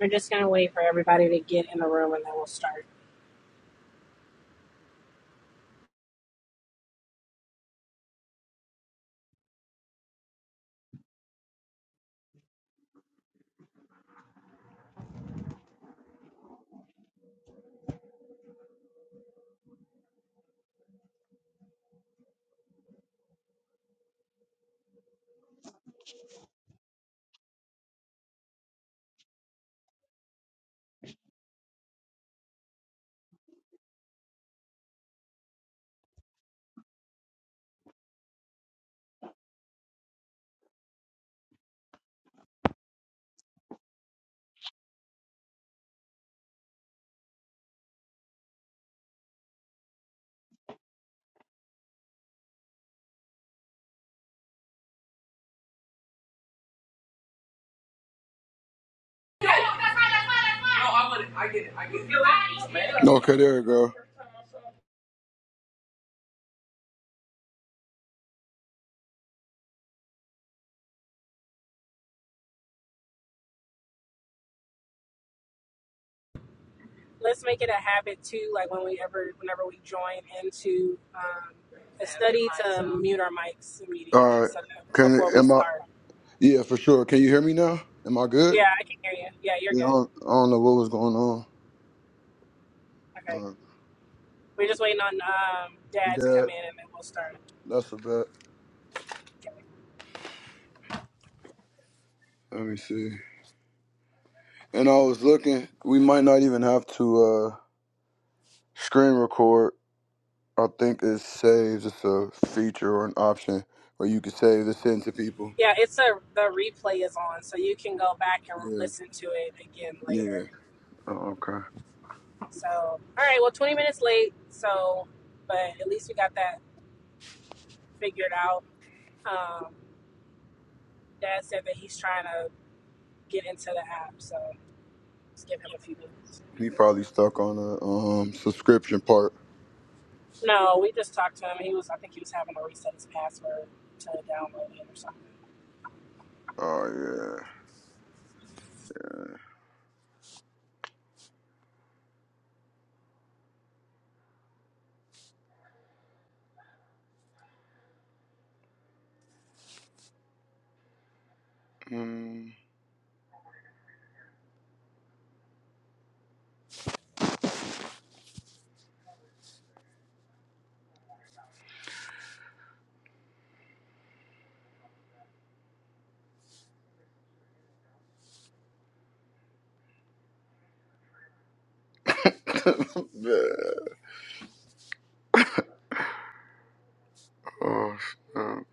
We're just gonna wait for everybody to get in the room and then we'll start. I get it. I get it. Okay, there you go. Let's make it a habit too, like when we ever, whenever we join into um, a study, to mute our mics immediately. All right. So that Can before we am I? start, Yeah, for sure. Can you hear me now? Am I good? yeah, I can hear you. Yeah, you're Yeah, I good. don't, I don't know what was going on. Okay, Uh, we're just waiting on um, Dad to come that in and then we'll start. that's a bet. Let me see. And I was looking. We might not even have to uh, screen record. I think it saves. It's a feature or an option where you can save this in to people. Yeah, it's a the replay is on, so you can go back and Yeah. listen to it again Yeah. later. Oh, okay. So, all right, well, 20 minutes late, so but at least we got that figured out. Um, Dad said that he's trying to get into the app. So just give him a few minutes. He probably stuck on the um subscription part. No, we just talked to him. He was, I think he was having to reset his password to download it or something. Oh yeah. Mm. Yeah. Oh snap.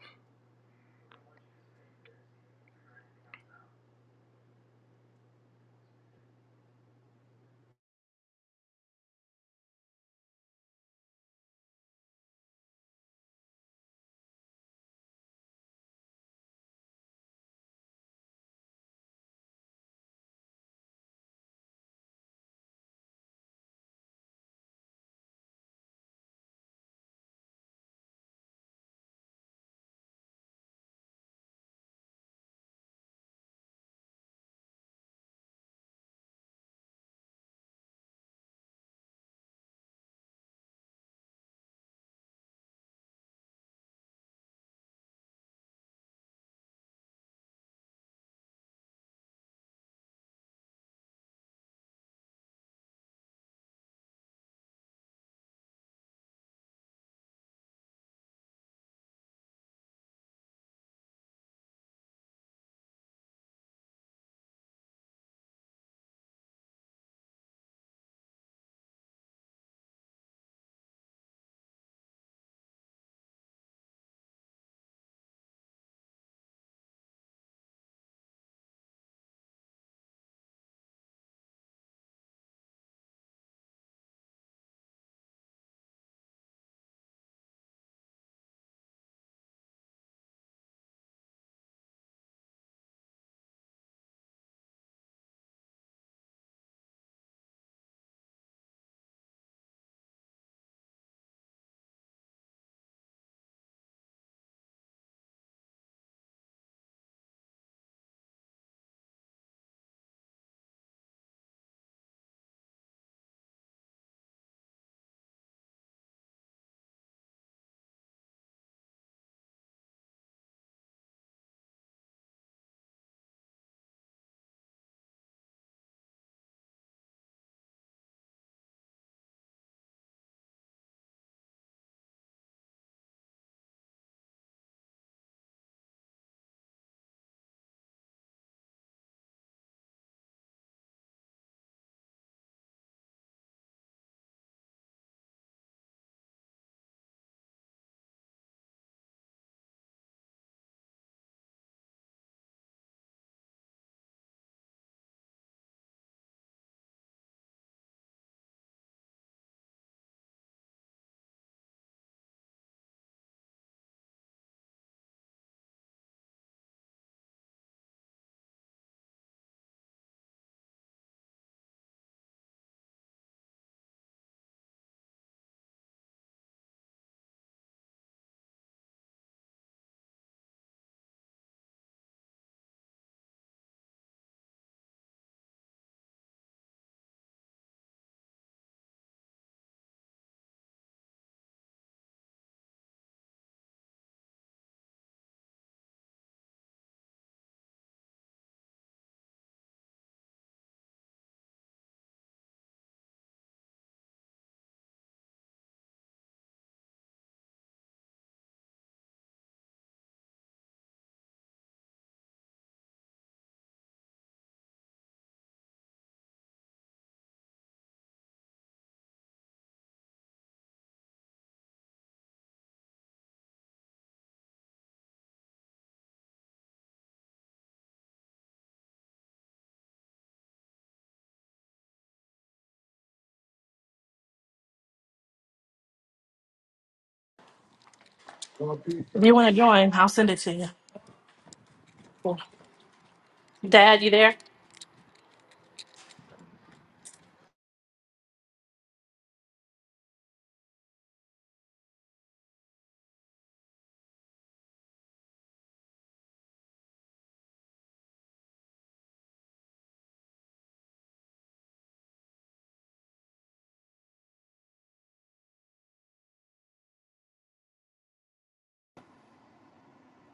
Cool. Dad, you there?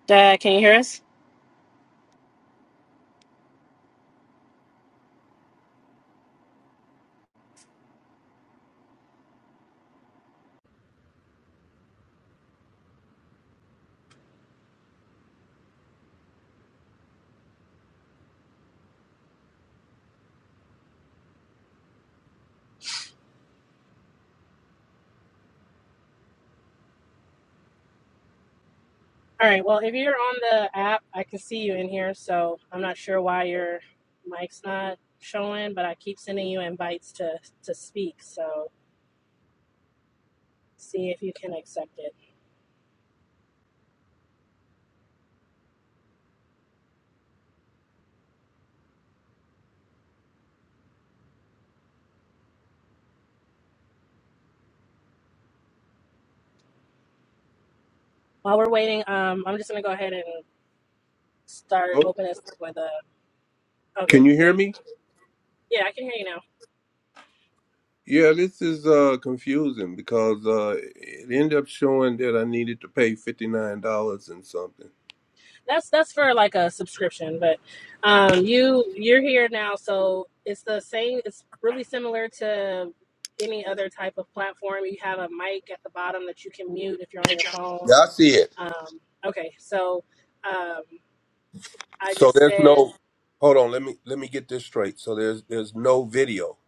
Dad, can you hear us? All right. Well, if you're on the app, I can see you in here. So I'm not sure why your mic's not showing, but I keep sending you invites to to speak. So see if you can accept it. While we're waiting, um, I'm just gonna go ahead and start Oh, opening us up with a. can Okay, you there. hear You, me? yeah, I can hear you now. Yeah, this is uh confusing because uh it ended up showing that I needed to pay fifty nine dollars and something. that's that's for like a subscription but um you you're here now so it's the same it's really similar to any other type of platform you have a mic at the bottom that you can mute if you're on your phone Yeah, I see it. um okay so um i So just there's said no hold on, let me let me get this straight. So there's there's no video.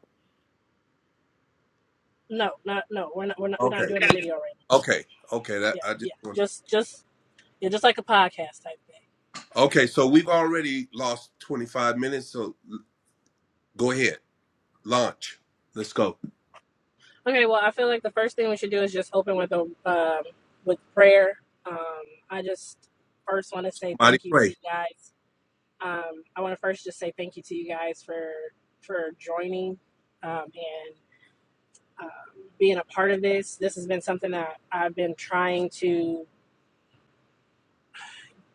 no not no we're not we're not we're Okay. not doing the video right now Okay. Okay, that yeah I yeah just want just just yeah just like a podcast type thing Okay, so we've already lost twenty five minutes, so l- go ahead. Launch. Let's go. Okay, well, I feel like the first thing we should do is just open with a um, with prayer. Um, I just first want to say Mighty thank you to pray. you guys. Um, I want to first just say thank you to you guys for for joining um, and uh, being a part of this. This has been something that I've been trying to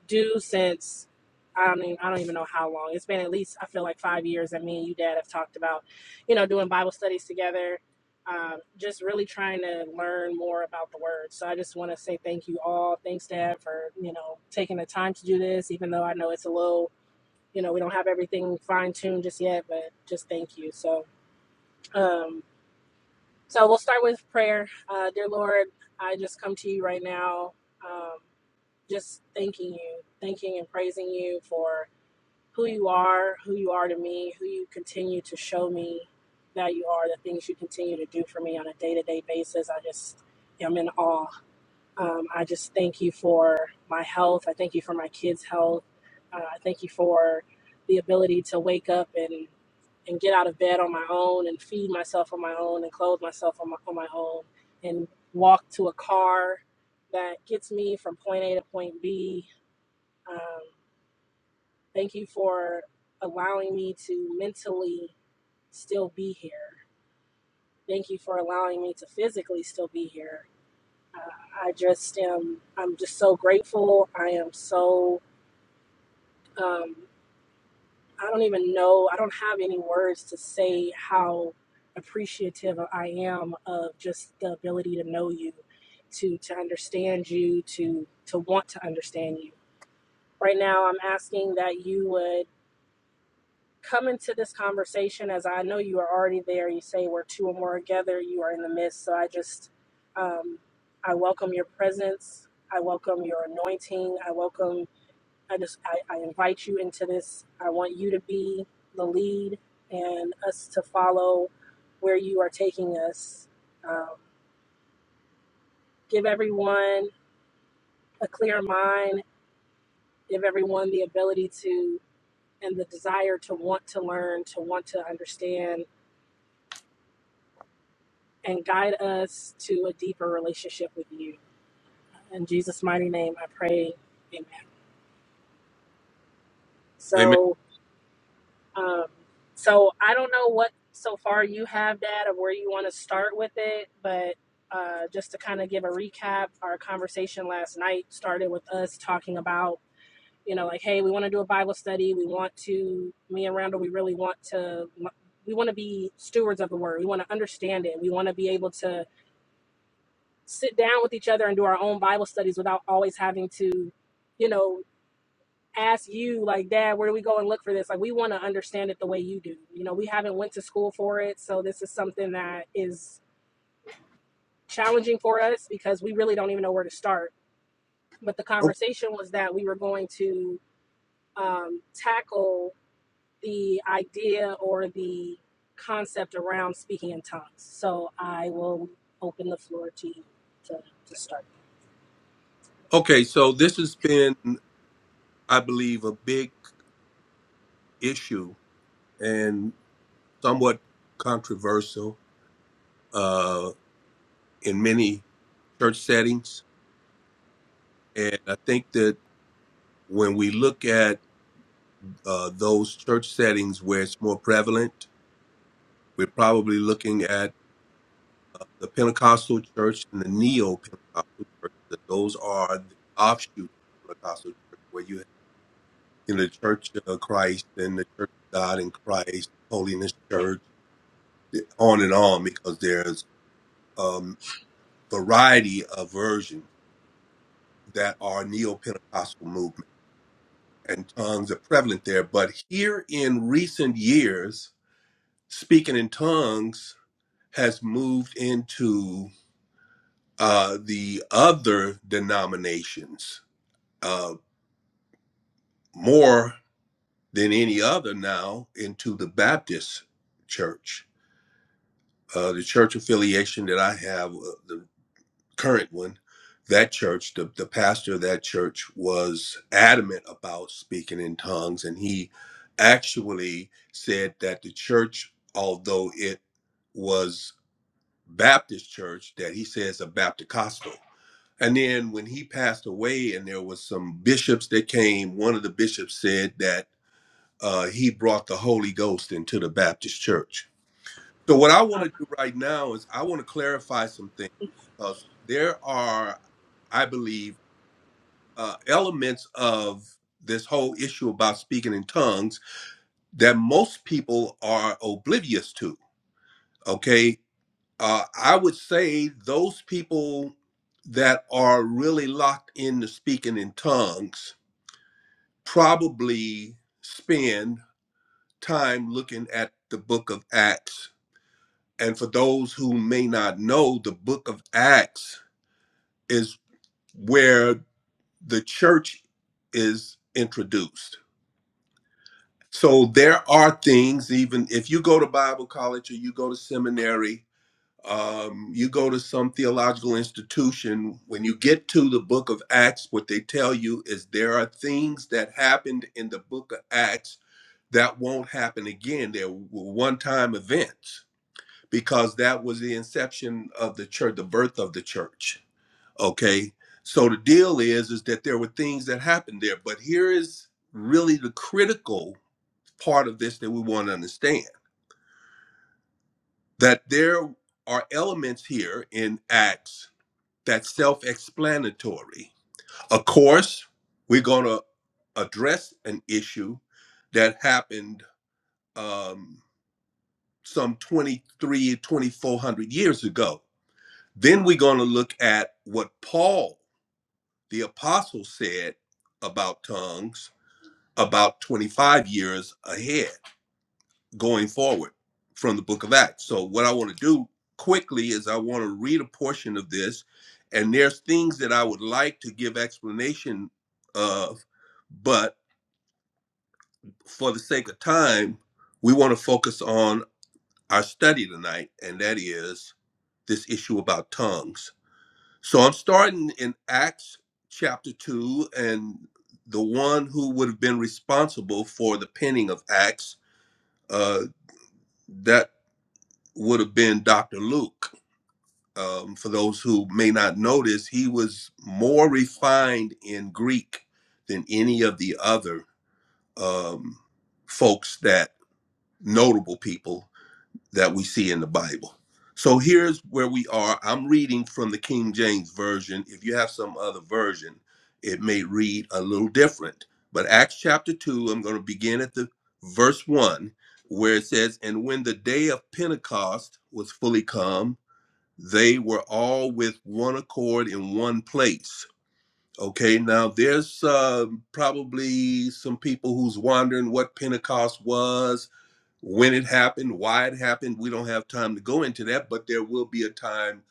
do since I don't even, I don't even know how long. It's been at least I feel like five years that me and you dad have talked about, you know, doing Bible studies together. Um, just really trying to learn more about the word. So I just want to say thank you all. Thanks, Dad, for you know taking the time to do this, even though I know it's a little, you know, we don't have everything fine tuned just yet, but just thank you. So, um, so we'll start with prayer. Uh, dear Lord, I just come to you right now, um, just thanking you, thanking and praising you for who you are, who you are to me, who you continue to show me that you are, the things you continue to do for me on a day to day basis. I just am in awe. Um, I just thank you for my health. I thank you for my kids' health. Uh, I thank you for the ability to wake up and, and get out of bed on my own and feed myself on my own and clothe myself on my, on my own and walk to a car that gets me from point A to point B. Um, Thank you for allowing me to mentally still be here. Thank you for allowing me to physically still be here. I just am, I'm just so grateful. I am so, um, I don't even know, I don't have any words to say how appreciative I am of just the ability to know you, to, to understand you, to, to want to understand you. Right now, I'm asking that you would come into this conversation as I know you are already there. You say where two or more are gathered, you are in the midst. So I just, um, I welcome your presence. I welcome your anointing. I welcome, I just, I, I invite you into this. I want you to be the lead and us to follow where you are taking us. Um, give everyone a clear mind, give everyone the ability to and the desire to want to learn, to want to understand and guide us to a deeper relationship with you. In Jesus' mighty name, I pray. Amen. Amen. So, um, so I don't know what so far you have, Dad, or where you want to start with it, but uh, just to kind of give a recap, our conversation last night started with us talking about, you know, like, hey, we want to do a Bible study. We want to, me and Randall, we really want to, we want to be stewards of the word. We want to understand it. We want to be able to sit down with each other and do our own Bible studies without always having to, you know, ask you like, Dad, where do we go and look for this? Like, we want to understand it the way you do. You know, we haven't went to school for it, so this is something that is challenging for us because we really don't even know where to start. But the O- conversation was that we were going to um, tackle the idea or the concept around speaking in tongues. So I will open the floor to you to, to start. Okay, so this has been, I believe, a big issue somewhat controversial uh, in many church settings. And I think that when we look at uh, those church settings where it's more prevalent, we're probably looking at uh, the Pentecostal church and the neo Pentecostal church. That those are the offshoots of Pentecostal church where you have in the Church of Christ and the Church of God in Christ, Holiness Church, on and on, because there's um, variety of versions that are neo Pentecostal movement, and tongues are prevalent there. But here in recent years, speaking in tongues has moved into uh, the other denominations uh, more than any other now into the Baptist church. Uh, the church affiliation that I have, uh, the current one, that church, the, the pastor of that church was adamant about speaking in tongues. And he actually said that the church, although it was Baptist church, that he says a Baptist And then when he passed away and there was some bishops that came, one of the bishops said that uh, he brought the Holy Ghost into the Baptist church. So what I want to do right now is I want to clarify some things because there are I believe, uh, elements of this whole issue about speaking in tongues that most people are oblivious to. Okay. Uh, I would say those people that are really locked into speaking in tongues probably spend time looking at the book of Acts. And for those who may not know, the book of Acts is where the church is introduced So there are things, even if you go to Bible college or you go to seminary, um, you go to some theological institution, when you get to the book of Acts, what they tell you is there are things that happened in the book of Acts that won't happen again. They're one time events because that was the inception of the church, the birth of the church. Okay. So the deal is, is that there were things that happened there. But here is really the critical part of this that we want to understand that there are elements here in Acts that's self explanatory. Of course, we're going to address an issue that happened um, some 23, 2400 years ago. Then we're going to look at what Paul, the apostle, said about tongues about 25 years ahead. going forward from the book of Acts. So, what I want to do quickly is I want to read a portion of this, and there's things that I would like to give explanation of, but for the sake of time, we want to focus on our study tonight, and that is this issue about tongues. So, I'm starting in Acts chapter 2, and the one who would have been responsible for the penning of Acts, uh, that would have been Dr. Luke um, for those who may not notice, he was more refined in Greek than any of the other um, folks that notable people that we see in the Bible. So here's where we are. I'm reading from the King James Version. If you have some other version, it may read a little different. But Acts chapter 2, I'm going to begin at the verse 1 where it says, And when the day of Pentecost was fully come, they were all with one accord in one place. Okay, now there's uh, probably some people who's wondering what Pentecost was, when it happened, why it happened. We don't have time to go into that, but there will be a time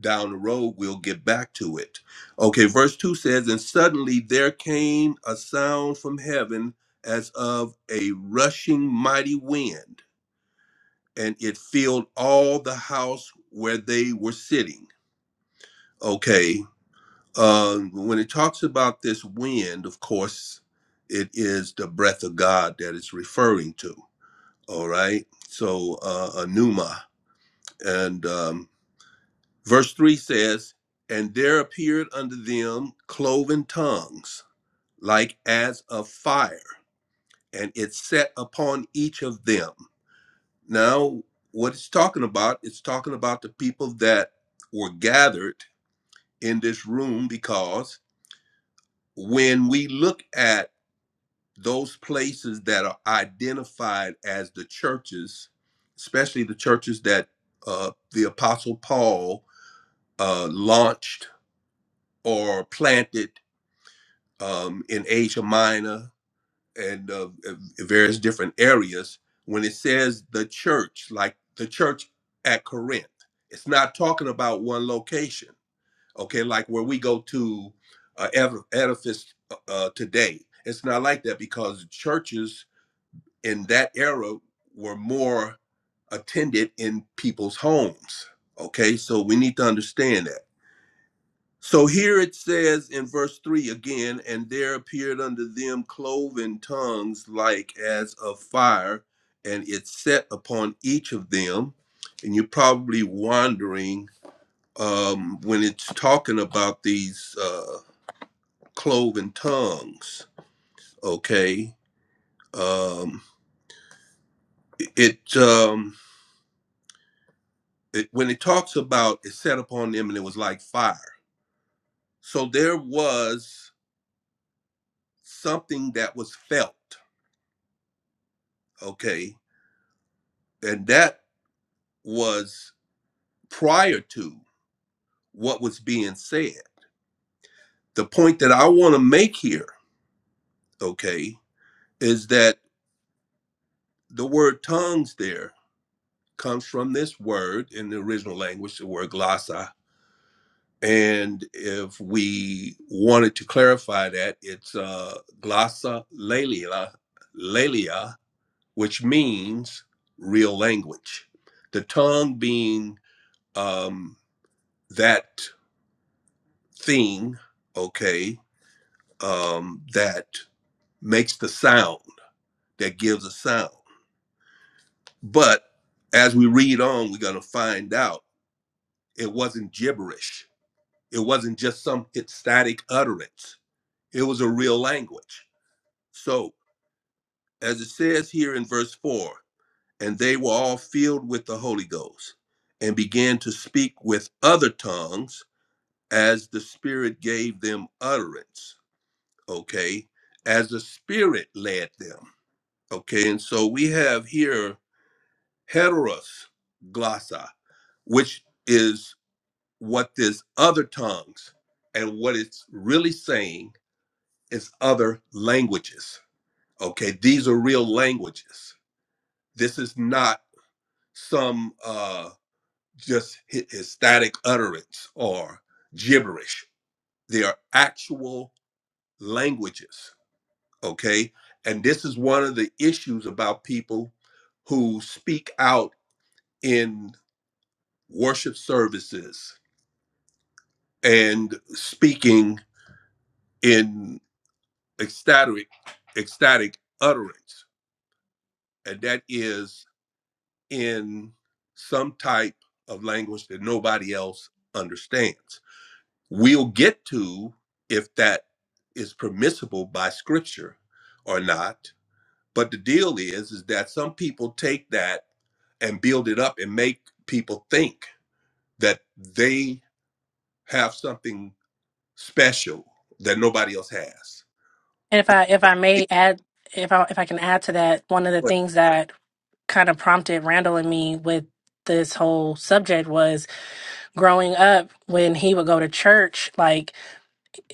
down the road we'll get back to it. Okay, verse 2 says, And suddenly there came a sound from heaven as of a rushing mighty wind, and it filled all the house where they were sitting. Okay. Um, when it talks about this wind, of course, it is the breath of God that it's referring to. All right. So, uh, a pneuma. And um, verse 3 says, And there appeared unto them cloven tongues, like as of fire, and it set upon each of them. Now, what it's talking about, it's talking about the people that were gathered in this room because when we look at those places that are identified as the churches, especially the churches that uh, the Apostle Paul uh, launched or planted um, in Asia Minor and uh, various different areas, when it says the church, like the church at Corinth, it's not talking about one location, okay? Like where we go to uh, ed- edifice uh, uh, today. It's not like that because churches in that era were more attended in people's homes. Okay, so we need to understand that. So here it says in verse 3 again, and there appeared unto them cloven tongues like as of fire, and it set upon each of them. And you're probably wondering um, when it's talking about these uh, cloven tongues, okay? Um, it. Um, it, when it talks about it set upon them and it was like fire. So there was something that was felt, okay? And that was prior to what was being said. The point that I want to make here, okay, is that the word tongues there comes from this word in the original language, the word glossa. And if we wanted to clarify that, it's uh, glossa lelia, which means real language. The tongue being um, that thing, okay, um, that makes the sound, that gives a sound. But as we read on, we're going to find out it wasn't gibberish. It wasn't just some static utterance. It was a real language. So, as it says here in verse 4, and they were all filled with the Holy Ghost and began to speak with other tongues as the Spirit gave them utterance, okay, as the Spirit led them, okay. And so we have here heteros glossa, which is what this other tongues and what it's really saying is other languages, okay. These are real languages. This is not some uh, just hy- static utterance or gibberish. They are actual languages okay and this is one of the issues about people who speak out in worship services and speaking in ecstatic ecstatic utterance and that is in some type of language that nobody else understands we'll get to if that is permissible by scripture or not But the deal is, is that some people take that and build it up and make people think that they have something special that nobody else has. And if I if I may add if I if I can add to that, one of the Yeah. things that kind of prompted Randall and me with this whole subject was growing up when he would go to church, like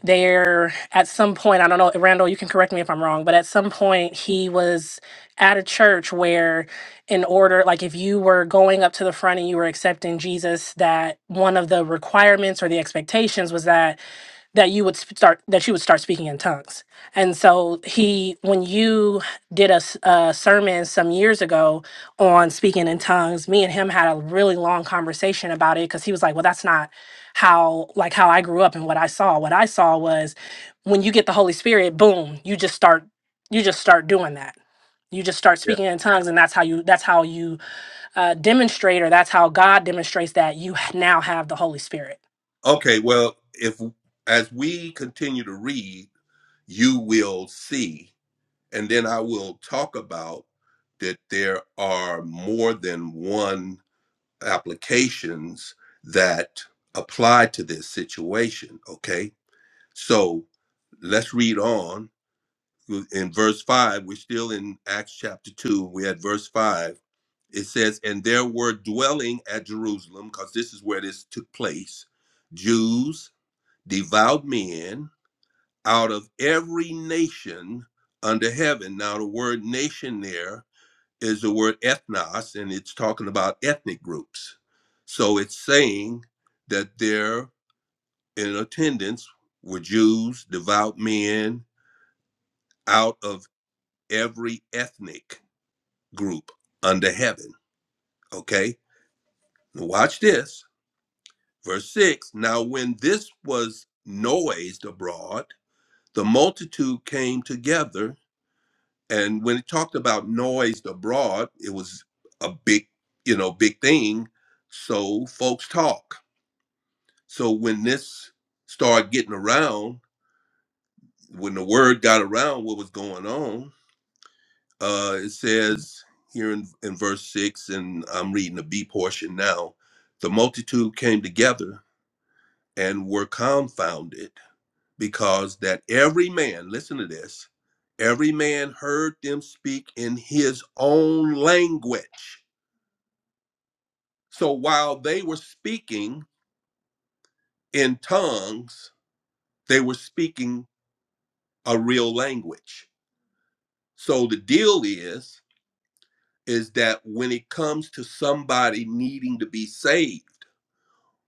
there at some point i don't know randall you can correct me if i'm wrong but at some point he was at a church where in order like if you were going up to the front and you were accepting jesus that one of the requirements or the expectations was that that you would sp- start that you would start speaking in tongues and so he when you did a, s- a sermon some years ago on speaking in tongues me and him had a really long conversation about it because he was like well that's not how like how I grew up and what I saw. What I saw was when you get the Holy Spirit, boom, you just start you just start doing that. You just start speaking in tongues, and that's how you that's how you uh, demonstrate, or that's how God demonstrates that you h- now have the Holy Spirit. Okay, well, if as we continue to read, you will see, and then I will talk about that there are more than one applications that apply to this situation. Okay So let's read on in verse 5. We're still in Acts chapter 2. We're at verse 5. It says, And there were dwelling at Jerusalem, because this is where this took place, Jews, devout men out of every nation under heaven. Now, the word nation there is the word ethnos, and it's talking about ethnic groups. So it's saying that there in attendance were Jews, devout men, out of every ethnic group under heaven. Okay? Now watch this. Verse 6 Now, when this was noised abroad, the multitude came together. And when it talked about noised abroad, it was a big, you know, big thing. So folks talk. So when this started getting around, when the word got around what was going on, uh, it says here in, in verse 6, and I'm reading the B portion now the multitude came together and were confounded because that every man, listen to this, every man heard them speak in his own language. So while they were speaking in tongues, they were speaking a real language. So the deal is is that when it comes to somebody needing to be saved,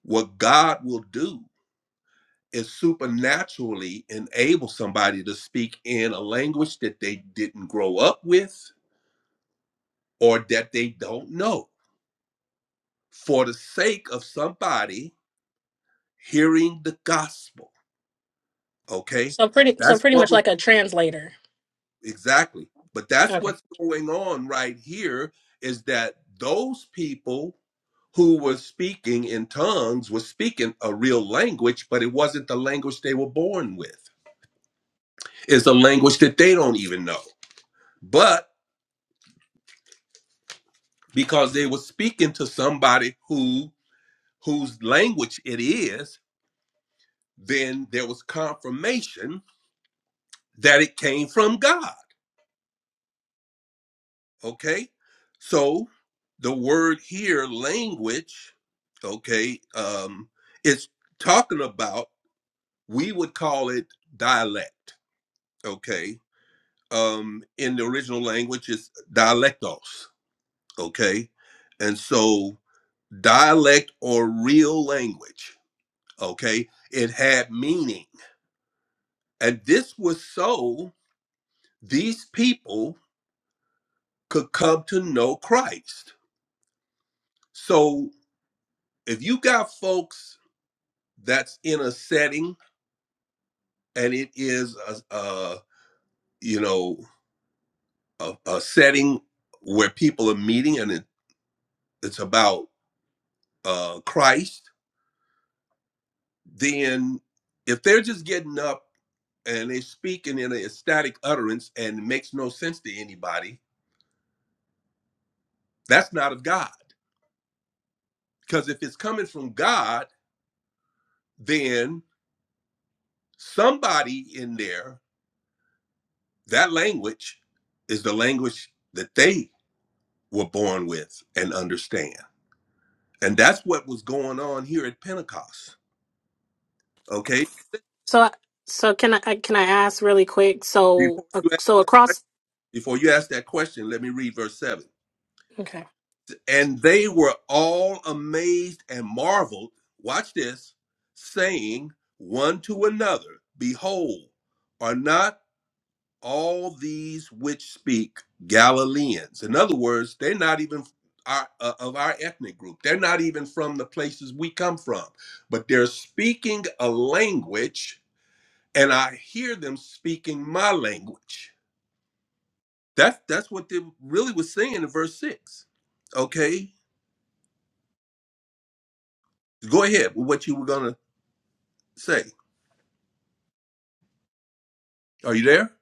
What God will do is supernaturally enable somebody to speak in a language that they didn't grow up with or that they don't know for the sake of somebody hearing the gospel. Okay? So pretty so That's pretty what much was like a translator. exactly. But that's Okay. what's going on right here is that those people who were speaking in tongues were speaking a real language, but it wasn't the language they were born with. It's a language that they don't even know. but because they were speaking to somebody who whose language it is then there was confirmation that it came from god okay so the word here language okay um it's talking about we would call it dialect okay um in the original language it's dialectos okay and so dialect or real language Okay. It had meaning. And this was so these people could come to know Christ. So if you got folks that's in a setting and it is a, a you know, a, a setting where people are meeting and it, it's about uh, Christ, then if they're just getting up and they're speaking in an ecstatic utterance and it makes no sense to anybody, that's not of God. Because if it's coming from God, then somebody in there, that language is the language that they were born with and understand. And that's what was going on here at Pentecost. Okay. So, so can I I- can I ask really quick? So, Before uh, you so ask, across before you ask that question, let me read verse 7. Okay. And they were all amazed and marveled. Watch this, saying one to another, Behold, are not all these which speak Galileans. In other words, they're not even our, uh, of our ethnic group. They're not even from the places we come from, but they're speaking a language, and I hear them speaking my language. That's that's what they really was saying in verse six. Okay, go ahead with what you were gonna say. Are you there?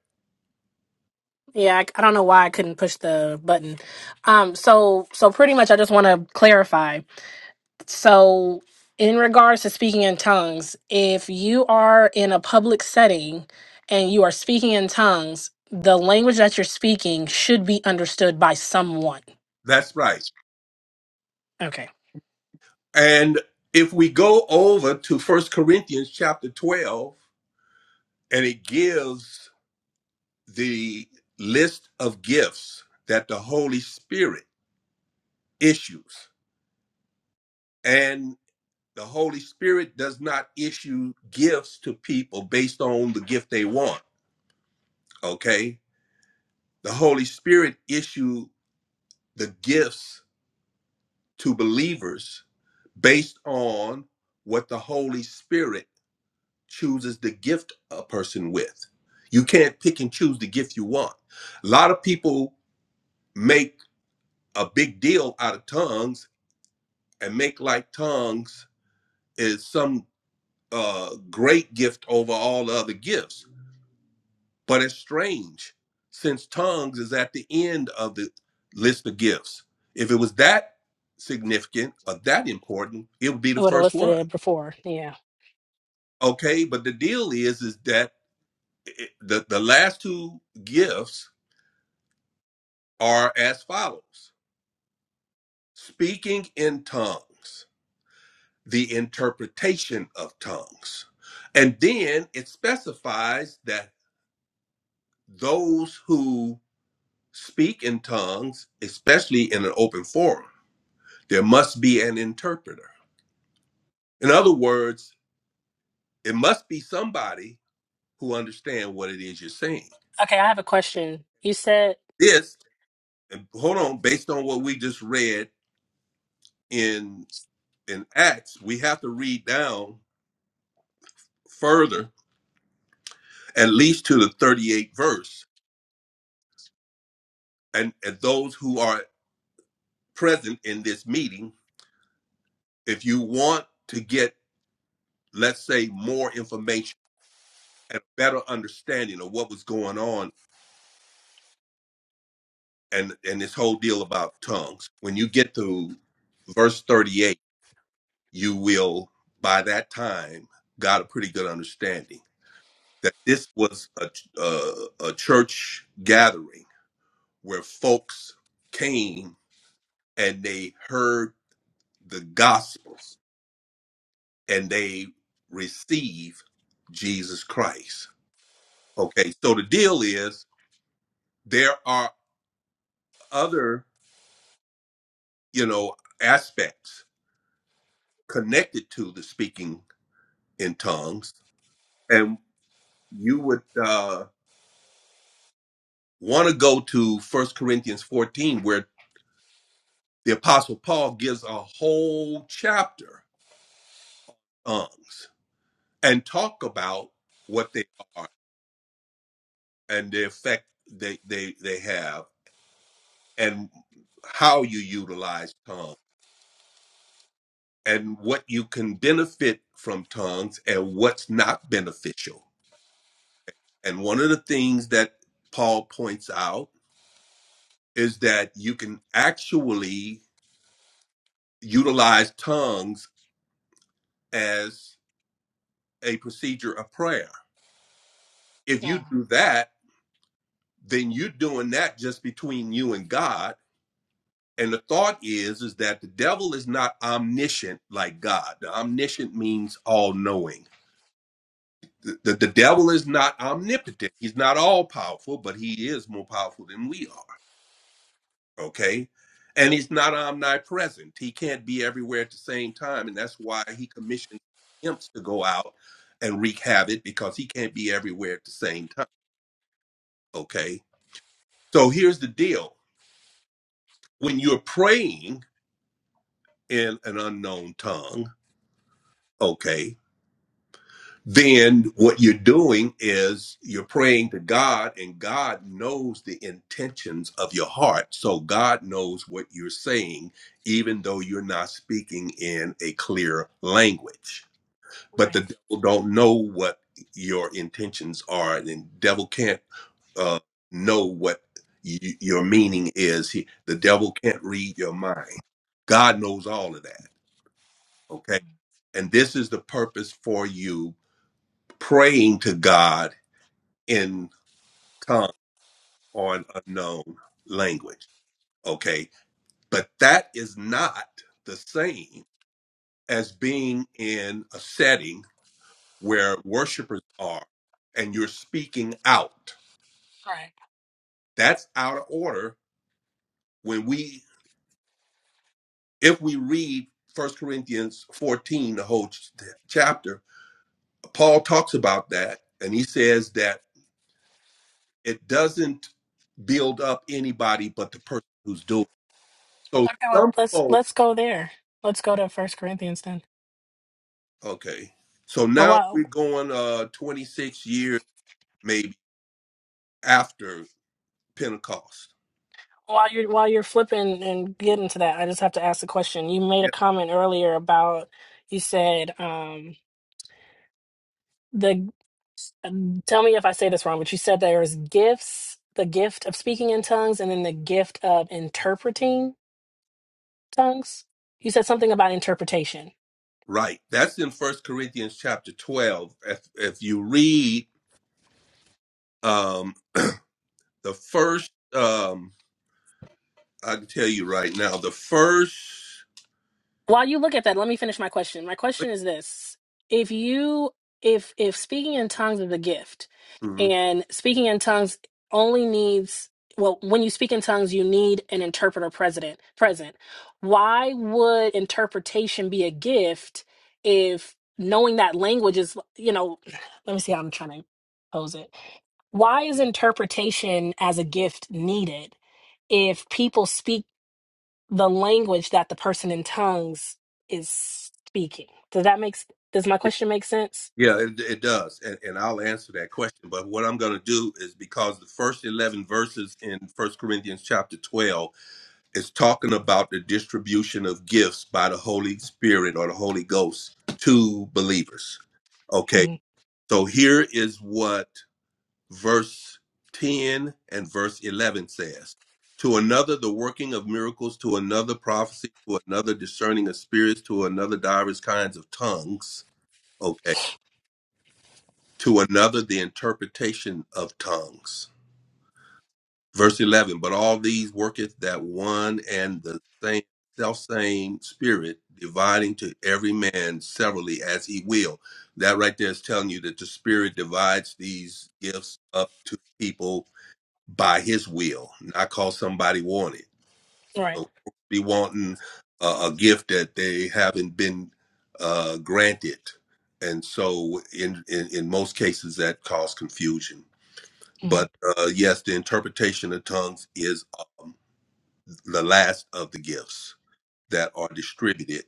Yeah, I, I don't know why I couldn't push the button. Um, so so pretty much, I just want to clarify. So in regards to speaking in tongues, if you are in a public setting and you are speaking in tongues, the language that you're speaking should be understood by someone. That's right. Okay, And if we go over to First Corinthians chapter twelve, and it gives the list of gifts that the Holy Spirit issues. And the Holy Spirit does not issue gifts to people based on the gift they want, okay? The Holy Spirit issues the gifts to believers based on what the Holy Spirit chooses to gift a person with. You can't pick and choose the gift you want. A lot of people make a big deal out of tongues and make like tongues is some uh, great gift over all the other gifts. But it's strange since tongues is at the end of the list of gifts. If it was that significant or that important, it would be I the would have first listed one. it before. Yeah. Okay, but the deal is is that it, the the last two gifts are as follows: speaking in tongues, the interpretation of tongues, and then it specifies that those who speak in tongues, especially in an open forum, there must be an interpreter. In other words, it must be somebody who understands what it is you're saying. Okay, I have a question. You said, This, and hold on, based on what we just read in in Acts, we have to read down further, at least to the 38th verse. And, and those who are present in this meeting, if you want to get, let's say, more information and a better understanding of what was going on and and this whole deal about tongues when you get to verse 38 you will by that time got a pretty good understanding that this was a uh, a church gathering where folks came and they heard the gospel and they received Jesus Christ okay so the deal is there are other you know aspects connected to the speaking in tongues and you would uh, want to go to First corinthians 14 where the apostle paul gives a whole chapter on tongues and talk about what they are and the effect they, they, they have and how you utilize tongues and what you can benefit from tongues and what's not beneficial and one of the things that paul points out is that you can actually utilize tongues as a procedure of prayer. If yeah, you do that, then you're doing that just between you and God. And the thought is is that the devil is not omniscient like God. The omniscient means all knowing. The, the, the devil is not omnipotent. He's not all powerful, but he is more powerful than we are. okay and he's not omnipresent he can't be everywhere at the same time and that's why he commissions imps to go out and wreak havoc because he can't be everywhere at the same time okay so here's the deal when you're praying in an unknown tongue okay then what you're doing is you're praying to God, and God knows the intentions of your heart. So God knows what you're saying, even though you're not speaking in a clear language. But the right, devil don't know what your intentions are, and the devil can't uh, know what y- your meaning is. He, the devil can't read your mind. God knows all of that. Okay, and this is the purpose for you praying to God in tongue or an unknown language. Okay. But that is not the same as being in a setting where worshipers are and you're speaking out. right. That's out of order when we, if we read First Corinthians 14, the whole ch- chapter, Paul talks about that and he says that it doesn't build up anybody but the person who's doing it. So Okay, well, some let's folks let's go there. Let's go to First Corinthians then. Okay. So Well, now why? we're going uh 26 years maybe after Pentecost. While you're while you're flipping and getting to that, I just have to ask a question. You made a Yep. comment earlier about you said um the um, tell me if I say this wrong, but you said there's gifts, the gift of speaking in tongues and then the gift of interpreting tongues. You said something about interpretation. Right. That's in First Corinthians chapter 12. If if you read um the first um I can tell you right now, the 1st while you look at that let me finish my question my question is this if you if if speaking in tongues is a gift Yeah, and speaking in tongues only needs well when you speak in tongues you need an interpreter president present why would interpretation be a gift if knowing that language is you know let me see how i'm trying to pose it why is interpretation as a gift needed if people speak the language that the person in tongues is speaking. Does that make s- does my question make sense? yeah, it, it does. And and I'll answer that question, but what I'm going to do is because the first 11 verses in First Corinthians chapter 12 It's talking about the distribution of gifts by the Holy Spirit or the Holy Ghost to believers. Okay, Mhm. so here is what verse 10 and verse 11 says To another, the working of miracles, to another, prophecy, to another, discerning of spirits, to another, diverse kinds of tongues. Okay, to another, the interpretation of tongues. verse 11 but all these worketh that one and the same self same spirit dividing to every man severally as he will that right there is telling you that the spirit divides these gifts up to people by his will not cause somebody wanted Right. so folks be wanting a, a gift that they haven't been uh, granted and so in, in in most cases that cause confusion hmm but uh, yes, the interpretation of tongues is um, the last of the gifts that are distributed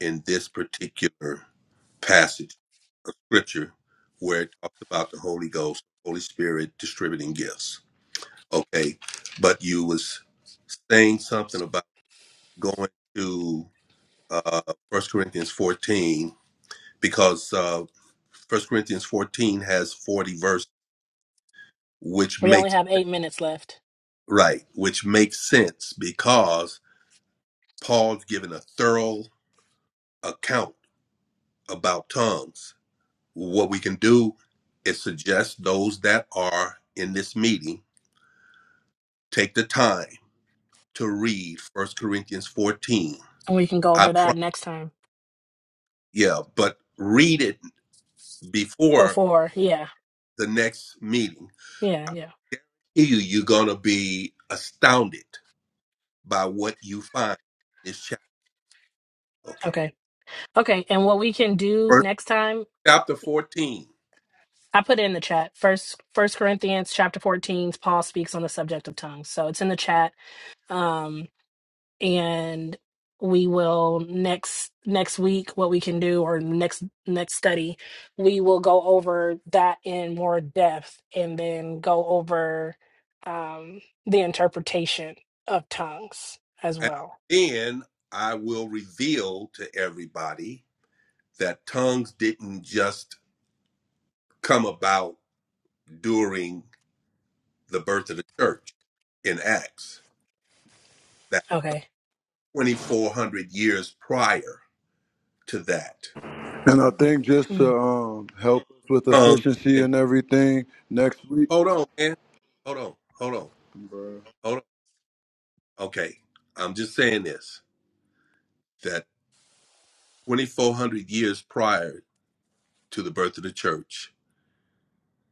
in this particular passage of scripture where it talks about the Holy Ghost, Holy Spirit distributing gifts. Okay, but you was saying something about going to uh, 1 Corinthians 14 because uh, 1 Corinthians 14 has 40 verses, which We only makes have eight minutes left, right, which makes sense because Paul's given a thorough account about tongues. What we can do is suggest those that are in this meeting take the time to read First Corinthians 14. and we can go I over pro- that next time. yeah, but read it before Before, yeah, the next meeting. yeah, yeah. You you're gonna be astounded by what you find in this chapter. Okay. Okay, okay. And what we can do First next time, chapter 14. I put it in the chat. First, First Corinthians chapter fourteen. Paul speaks on the subject of tongues, so it's in the chat. Um, and we will next next week what we can do or next next study we will go over that in more depth and then go over um the interpretation of tongues as And well then I will reveal to everybody that tongues didn't just come about during the birth of the church in Acts, that okay 2,400 years prior to that, And I think just Hmm. to um, help us with tongues. efficiency And, and everything next week, hold on, man. Hold on. Hold on. Bro. Hold on. Okay. I'm just saying this that 2,400 years prior to the birth of the church,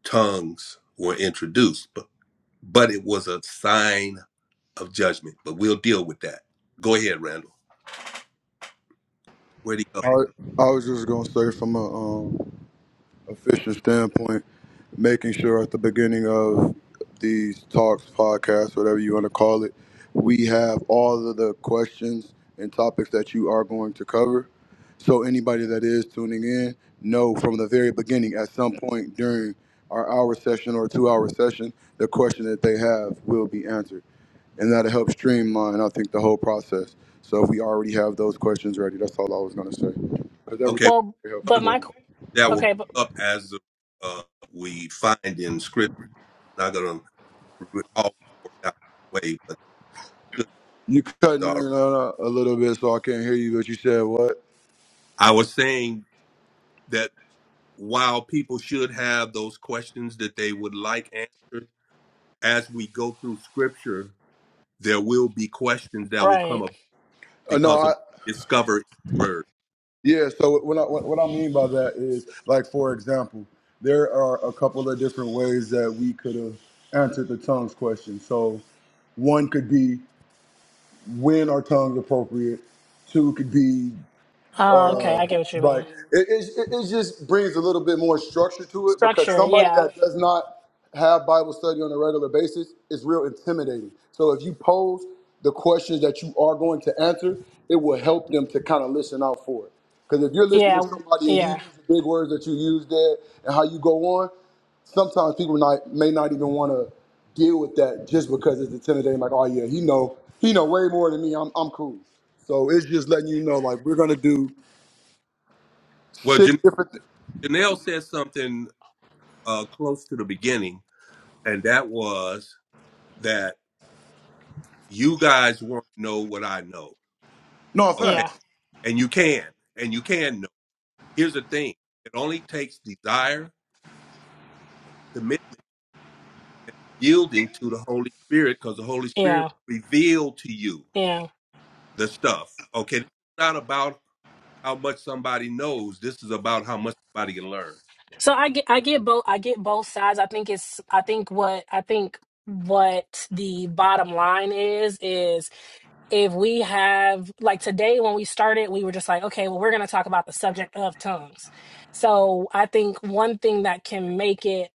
tongues were introduced, but, but it was a sign of judgment. But we'll deal with that. Go ahead, Randall. Where'd he go? I, I was just gonna say from a um, official standpoint, making sure at the beginning of these talks, podcasts, whatever you want to call it, we have all of the questions and topics that you are going to cover. So anybody that is tuning in, know from the very beginning, at some point during our hour session or two hour session, the question that they have will be answered. And that'll help streamline, I think, the whole process. So if we already have those questions ready, that's all I was gonna say. Because everything Okay. well is very helpful but for my me. qu- that will okay but, come up as uh, we find in scripture. Not going to always work out that way, but people should. You cutting in start. and out a little bit, so I can't hear you. But you said what? I was saying that while people should have those questions that they would like answered, as we go through scripture, there will be questions that will come right up Uh, no, because I of discovered word. yeah. So what I, what what I mean by that is, like for example, there are a couple of different ways that we could have answered the tongues question. So one could be when are tongues appropriate. Two could be oh okay Uh, i get what you like mean it, it, it it just brings a little bit more structure to it because structure somebody yeah that does not have Bible study on a regular basis is real intimidating. So if you pose the questions that you are going to answer, it will help them to kind of listen out for it. Because if you're listening to yeah somebody and you use yeah the big words that you use there and how you go on, sometimes people not, may not even want to deal with that just because it's intimidating. Like, oh yeah, he know he know way more than me. I'm I'm cool. So it's just letting you know, like we're gonna do Well, six Jan- different. Th- Janelle said something uh, close to the beginning, and that was that you guys want to know what I know. No, Okay yeah facts. And you can. And you can know. Here's the thing it only takes desire, commitment, and yielding to the Holy Spirit because the Holy Spirit yeah will reveal to you yeah the stuff. Okay. This is not about how much somebody knows. This is about how much somebody can learn. So I get I get both I get both sides. I think it's I think what I think what the bottom line is is if we have like today when we started we were just like okay well we're going to talk about the subject of tongues. So I think one thing that can make it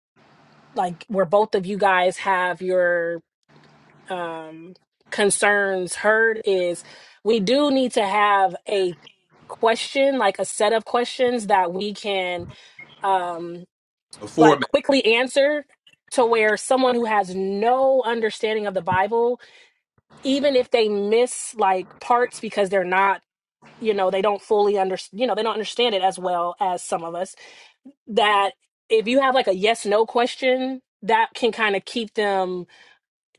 like where both of you guys have your um concerns heard is we do need to have a question like a set of questions that we can um A like format. quickly answer to where someone who has no understanding of the Bible, even if they miss like parts because they're not, you know, they don't fully understand, you know, they don't understand it as well as some of us, that if you have like a yes no question, that can kind of keep them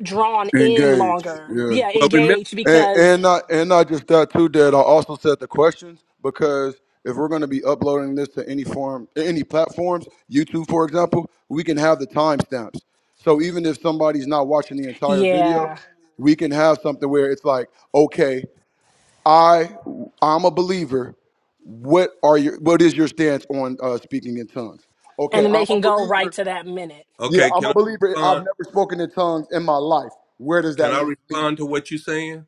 drawn in Engaged, longer. Yeah. Yeah, Well, remember, engaged And because, and not and not just that too, Dad. I also set the questions because if we're going to be uploading this to any form, any platforms, YouTube, for example, we can have the timestamps. So even if somebody's not watching the entire video, yeah. we can have something where it's like, okay, I I'm a believer. What are your What is your stance on uh, speaking in tongues? And Okay, then they I'm a can go right believer. to that minute. Yeah, okay, I'm a can I believer. I've respond? never spoken in tongues in my life. Where does Can that I leave me? respond to what you're saying?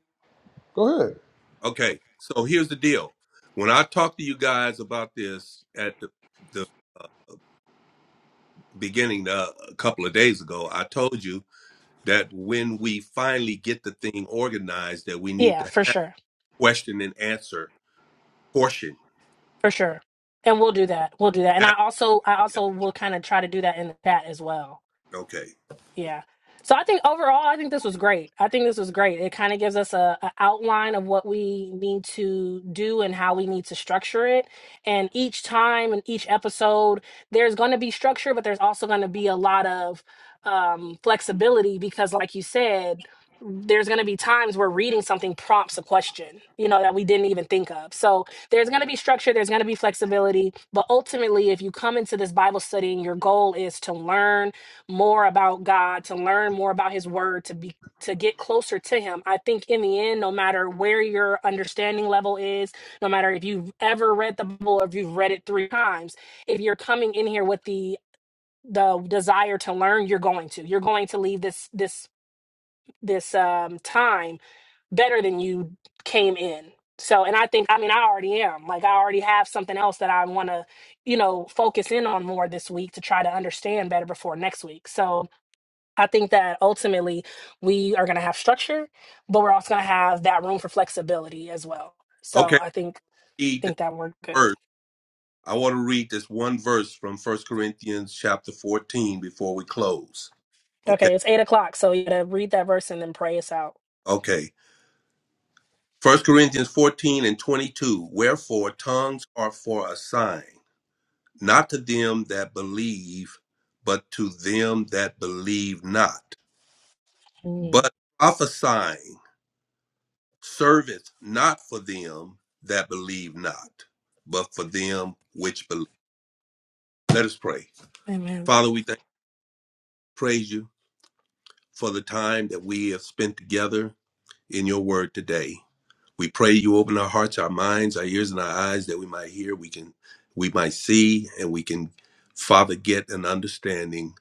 Go ahead. Okay. So here's the deal. When I talked to you guys about this at the, the uh, beginning uh, a couple of days ago, I told you that when we finally get the thing organized that we need Yeah, to for have sure. question and answer portion For sure. And we'll do that. We'll do that. And Ah, I also I yeah, also will kind of try to do that in the chat as well. okay Yeah. So I think overall, I think this was great. I think this was great. It kind of gives us a, a outline of what we need to do and how we need to structure it. And each time and each episode, there's going to be structure, but there's also going to be a lot of um, flexibility because, like you said, there's going to be times where reading something prompts a question, you know, that we didn't even think of. So there's going to be structure, there's going to be flexibility, but ultimately, if you come into this Bible study and your goal is to learn more about God, to learn more about his word, to be to get closer to him. I think in the end, no matter where your understanding level is, no matter if you've ever read the Bible or if you've read it three times, if you're coming in here with the the desire to learn, you're going to. You're going to leave this this this um time better than you came in. So, and I think, I mean, I already am. Like, I already have something else that I want to, you know, focus in on more this week to try to understand better before next week. So, I think that ultimately we are going to have structure, but we're also going to have that room for flexibility as well. So okay I think read this think that worked good. verse i want to read this one verse from first corinthians chapter 14 before we close okay Okay, it's eight o'clock, so you got to read that verse and then pray us out. okay first corinthians 14 and 22 wherefore tongues are for a sign not to them that believe but to them that believe not Mm. but prophesying Serveth not for them that believe not, but for them which believe. Let us pray. Amen. Father, we thank praise you for the time that we have spent together in your word today. We pray you open our hearts, our minds, our ears, and our eyes that we might hear, we can we might see, and we can, Father, get an understanding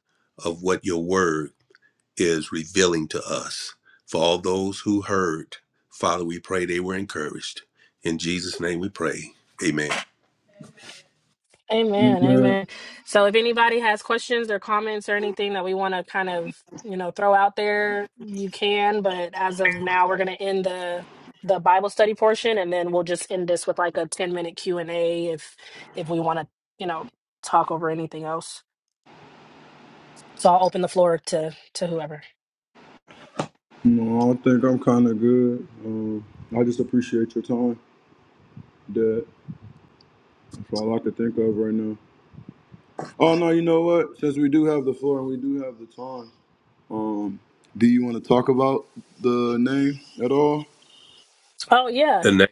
of what your word is revealing to us. For all those who heard, Father, we pray they were encouraged. In Jesus' name we pray. Amen. Amen. Man, Amen. So if anybody has questions or comments or anything that we want to kind of, you know, throw out there, you can, but as of now we're going to end the the Bible study portion and then we'll just end this with like a 10-minute Q&A if if we want to, you know, talk over anything else. So I'll open the floor to to whoever. no, I think I'm kind of good. Um, I just appreciate your time. That that's all I can think of right now. Oh no, you know what? Since we do have the floor and we do have the time, um, do you want to talk about the name at all? Oh yeah. The name.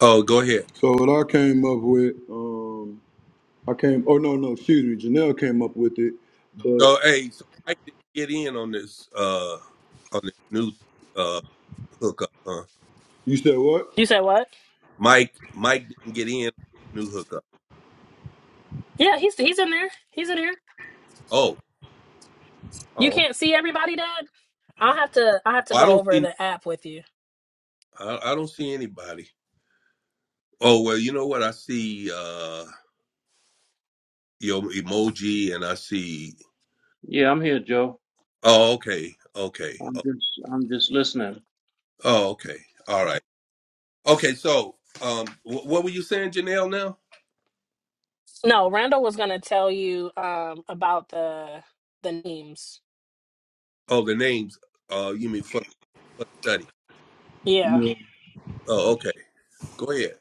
Oh, go ahead. So what I came up with, um, I came. Oh no, no, excuse me. Janelle came up with it, but So, hey, so Mike didn't get in on this uh on this new uh hookup, huh? you said what? You said what? Mike, Mike didn't get in new hookup. Yeah, he's he's in there. He's in here. Oh, oh, You okay. can't see everybody, Dad. I'll have to I'll have to Well, I go don't see. over No, the app with you. I, I don't see anybody. Oh well, you know what? I see uh your emoji, and I see. Yeah, I'm here, Joe. Oh, okay, okay. I'm Oh, just I'm just listening. oh, okay. All right. Okay. So, um, wh- what were you saying, Janelle? Now? No, Randall was gonna tell you um about the the names. Oh, the names. Uh, you mean for for the study? Yeah. Oh, okay. Go ahead.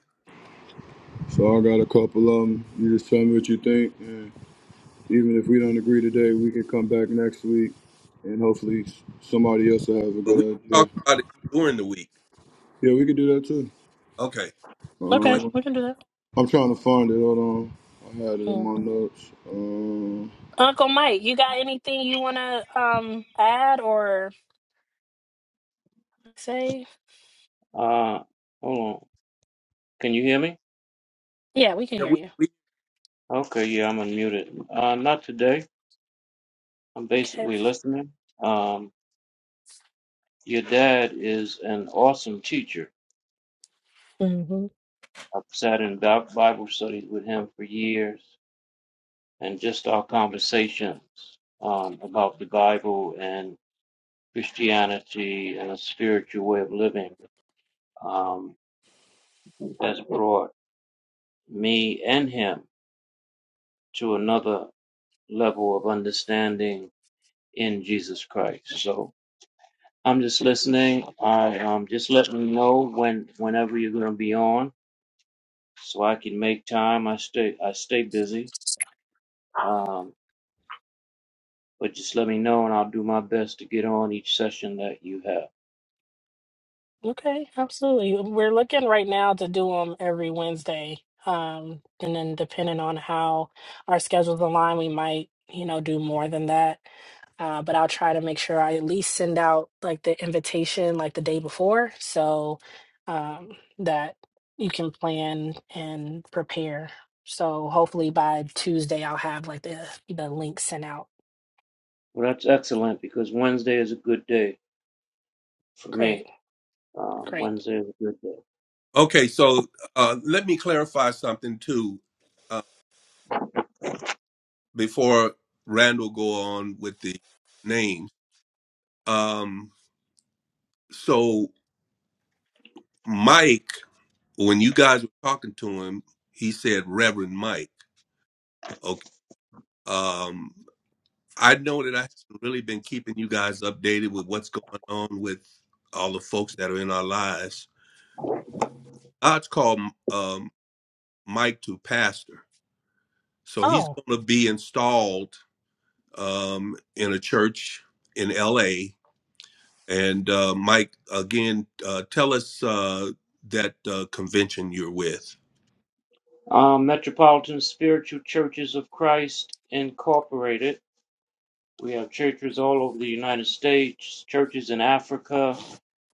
So I got a couple of them. You just tell me what you think, and even if we don't agree today, we can come back next week, and hopefully somebody else will have a but we good can idea. talk about it during the week. Yeah, we could do that too. Okay, go Okay, ahead. Um, we can do that. I'm trying to find it. Hold on, I had it in Yeah. my notes. Um, Uncle Mike, you got anything you wanna um add or say? Uh, hold on. Can you hear me? Yeah, we can Yeah, hear we, you. we, Okay, yeah, I'm unmuted. Uh, not today. I'm Okay. basically listening. Um, your dad is an awesome teacher. I've sat in Bi- Bible studies with him for years, and just our conversations um, about the Bible and Christianity and a spiritual way of living um, has brought me and him to another. level of understanding in Jesus Christ. So I'm just listening. I um just let me know when whenever you're gonna be on so I can make time. I stay I stay busy. Um but just let me know and I'll do my best to get on each session that you have. Okay, absolutely. um, We're looking right now to do them every Wednesday. Um, and then depending on how our schedules align, we might, you know, do more than that. Uh, but I'll try to make sure I at least send out like the invitation like the day before so um, that you can plan and prepare. So hopefully by Tuesday I'll have like the the link sent out. Well that's excellent because Wednesday is a good day for Great, me. Um great. Wednesday is a good day. okay, so uh, let me clarify something too uh, before Randall go on with the names. Um, so Mike, when you guys were talking to him, he said Reverend Mike. Okay, um, I know that I haven't really been keeping you guys updated with what's going on with all the folks that are in our lives, but God's called um, Mike to pastor So he's Oh, going to be installed um, in a church in LA. And uh, Mike, again, uh, tell us uh, that uh, convention you're with. Um Metropolitan Spiritual Churches of Christ Incorporated We have churches all over the United States, churches in Africa,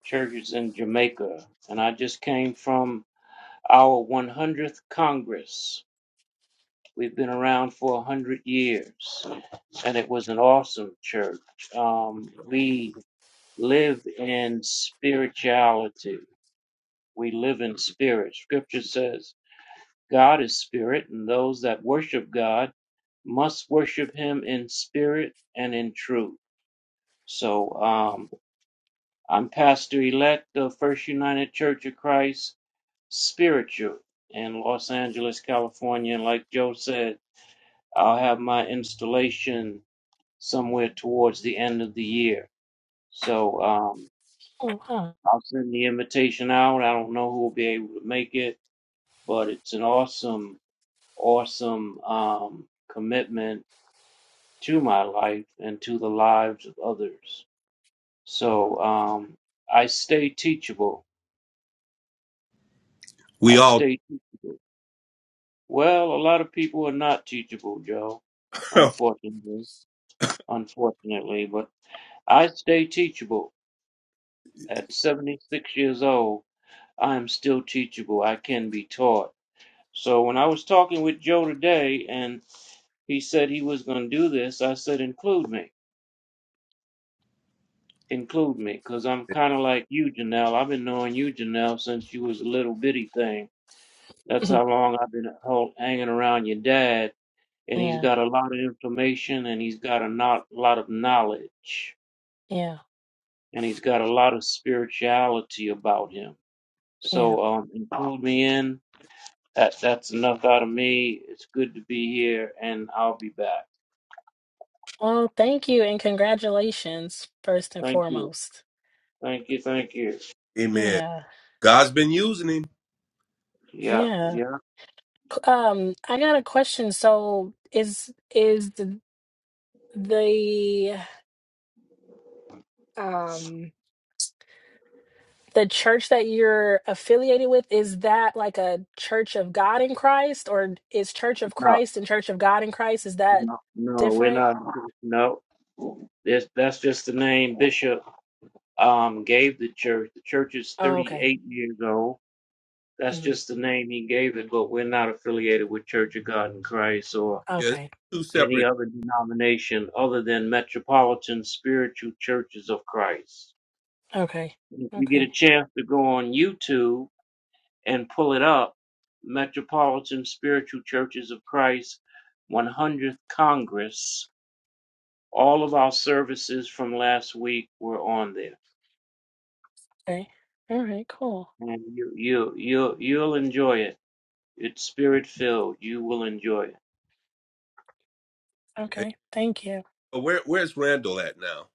churches in Jamaica. And I just came from our 100th Congress. We've been around for 100 years, and it was an awesome church. Um, we live in spirituality, we live in spirit. Scripture says, God is spirit, and those that worship God must worship him in spirit and in truth. So, um, I'm pastor elect of First United Church of Christ Spiritual in Los Angeles, California. And like Joe said, I'll have my installation somewhere towards the end of the year. So um, oh, wow. I'll send the invitation out. I don't know who will be able to make it, but it's an awesome, awesome um, commitment to my life and to the lives of others. So um, I stay teachable. We I all, stay teachable. Well, a lot of people are not teachable, Joe. Unfortunately, unfortunately, but I stay teachable. At 76 years old, I am still teachable. I can be taught. So when I was talking with Joe today and he said he was going to do this, I said, include me. Include me, because I'm kind of like you, Janelle. I've been knowing you, Janelle, since you was a little bitty thing. That's how long I've been hol- hanging around your dad and he's Yeah, got a lot of information and he's got a not, lot of knowledge yeah, and he's got a lot of spirituality about him. yeah. So um, include me in. That that's enough out of me. It's good to be here, and I'll be back. Well, thank you and congratulations, first and Thank you, foremost. thank you, thank you. amen. Yeah, God's been using him. Yeah, yeah. yeah. C- Um, I got a question. So is is the the um the church that you're affiliated with, is that like a Church of God in Christ or is Church of No, Christ and Church of God in Christ, is that no, no. We're different? not. No. That's that's just the name Bishop um gave the church. The church is Oh, okay. 38 years old That's hmm just the name he gave it, but we're not affiliated with Church of God in Christ or Yes, Okay. two any separate. other denomination other than Metropolitan Spiritual Churches of Christ. Okay. If you get a Okay. chance to go on YouTube and pull it up, Metropolitan Spiritual Churches of Christ 100th Congress, all of our services from last week were on there. Okay. All right, cool. And you, you, you, you'll enjoy it. It's spirit filled. You will enjoy it. Hey, Okay. Thank you. where, where's Randall at now?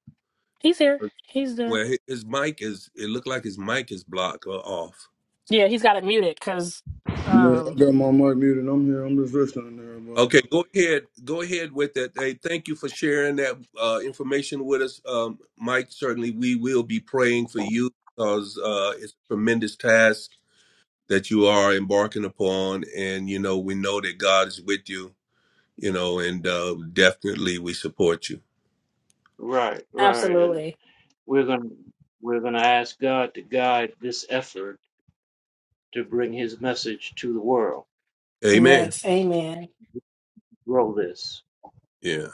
He's here. He's there. Where hi- his mic is. It looked like his mic is blocked or off. Yeah, he's got it muted because, yeah, I um, got my mic muted. I'm here. I'm just listening to everybody. Okay, go ahead. Go ahead with that. Hey, thank you for sharing that uh, information with us, um, Mike. Certainly, we will be praying for you because uh, it's a tremendous task that you are embarking upon, and you know we know that God is with you. You know, and uh, definitely we support you. Right, right. and. absolutely. We're going to we're going to ask God to guide this effort to bring his message to the world. Amen. Yes. Amen. Grow this. Yeah.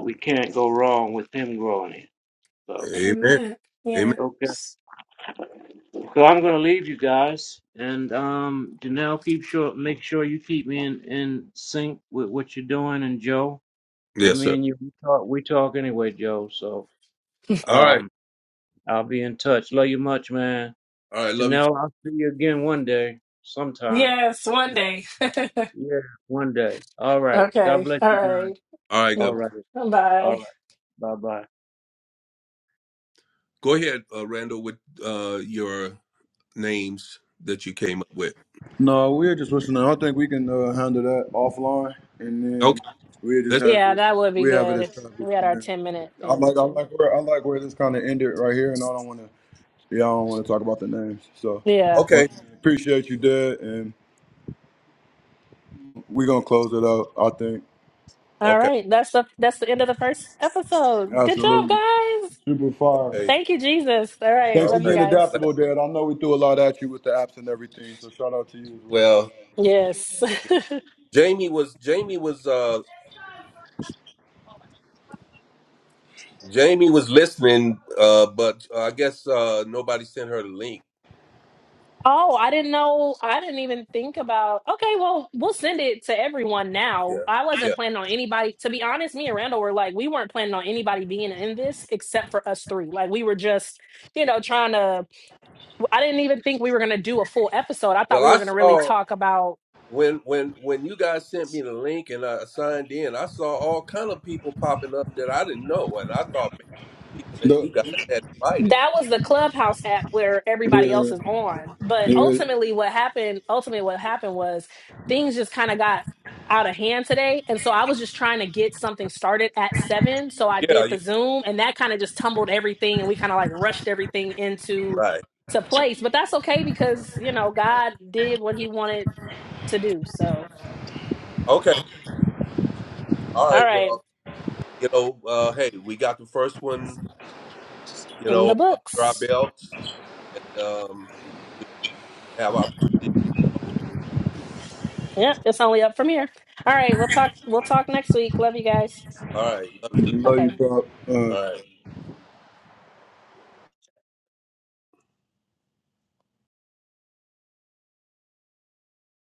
We can't go wrong with him growing it. So, Amen. Amen. Amen. Yeah. okay. So I'm going to leave you guys and um Janelle keep sure make sure you keep me in in sync with what you're doing and Joe. Well, Yes, me sir. and you we talk we talk anyway, Joe. So, All right. um I'll be in touch. Love you much, man. All right. Love you. Too. Janelle, I'll see you again one day, sometime. Yes. One day. Yeah, one day. All right. God okay. All bless you guys. right. All right. All God. Mm, right. All Bye. right. Bye bye. Go ahead, uh, Randall, with uh, your names that you came up with. No, we're just listening. I think we can uh, handle that offline, and then Okay. we just Let's. have Yeah, it. that would be We have it good if established we had from our there. 10 minute I thing like I too. like where I like where this kind of ended right here, and I don't want to. Yeah, I don't want to talk about the names. So, Yeah. well, Okay. appreciate you, Dad, and we're gonna close it up. I think All Okay. right. That's the that's the end of the first episode. Good job, absolutely guys. super fire. Okay. Thank you, Jesus. All right. Thanks All for Love you right. being guys. adaptable, Dad. I know we threw a lot at you with the apps and everything, so shout out to you as Well, Yes. Jamie was Jamie was uh Jamie was listening, uh, but uh, I guess uh nobody sent her the link. Oh, I didn't know. I didn't even think about. Okay, well, we'll send it to everyone now. Yeah. I Yeah. wasn't planning on anybody. To be honest, me and Randall were like, we weren't planning on anybody being in this except for us three. Like, we were just, you know, trying to. I didn't even think we were going to do a full episode. I thought Well, we were I going to really saw talk about. when when when you guys sent me the link and I signed in, I saw all kind of people popping up that I didn't know, and I thought maybe people that you guys had invited. that was the clubhouse app where everybody else well. is Yeah, on but yeah, ultimately what happened ultimately what happened was things just kind of got out of hand today and so i was just trying to get something started at seven so i Yeah. did Yeah. the zoom and that kind of just tumbled everything and we kind of like rushed everything into Right. to place but that's okay because you know god did what he wanted to do so Okay. All all right. right Well, you know, uh, hey, we got the first one, you in the know, under our books belts, and um, have opportunity to grow. yep it's only up from here all right we'll talk we'll talk next week love you guys All right, love you. love you, okay Pop. Uh, All right.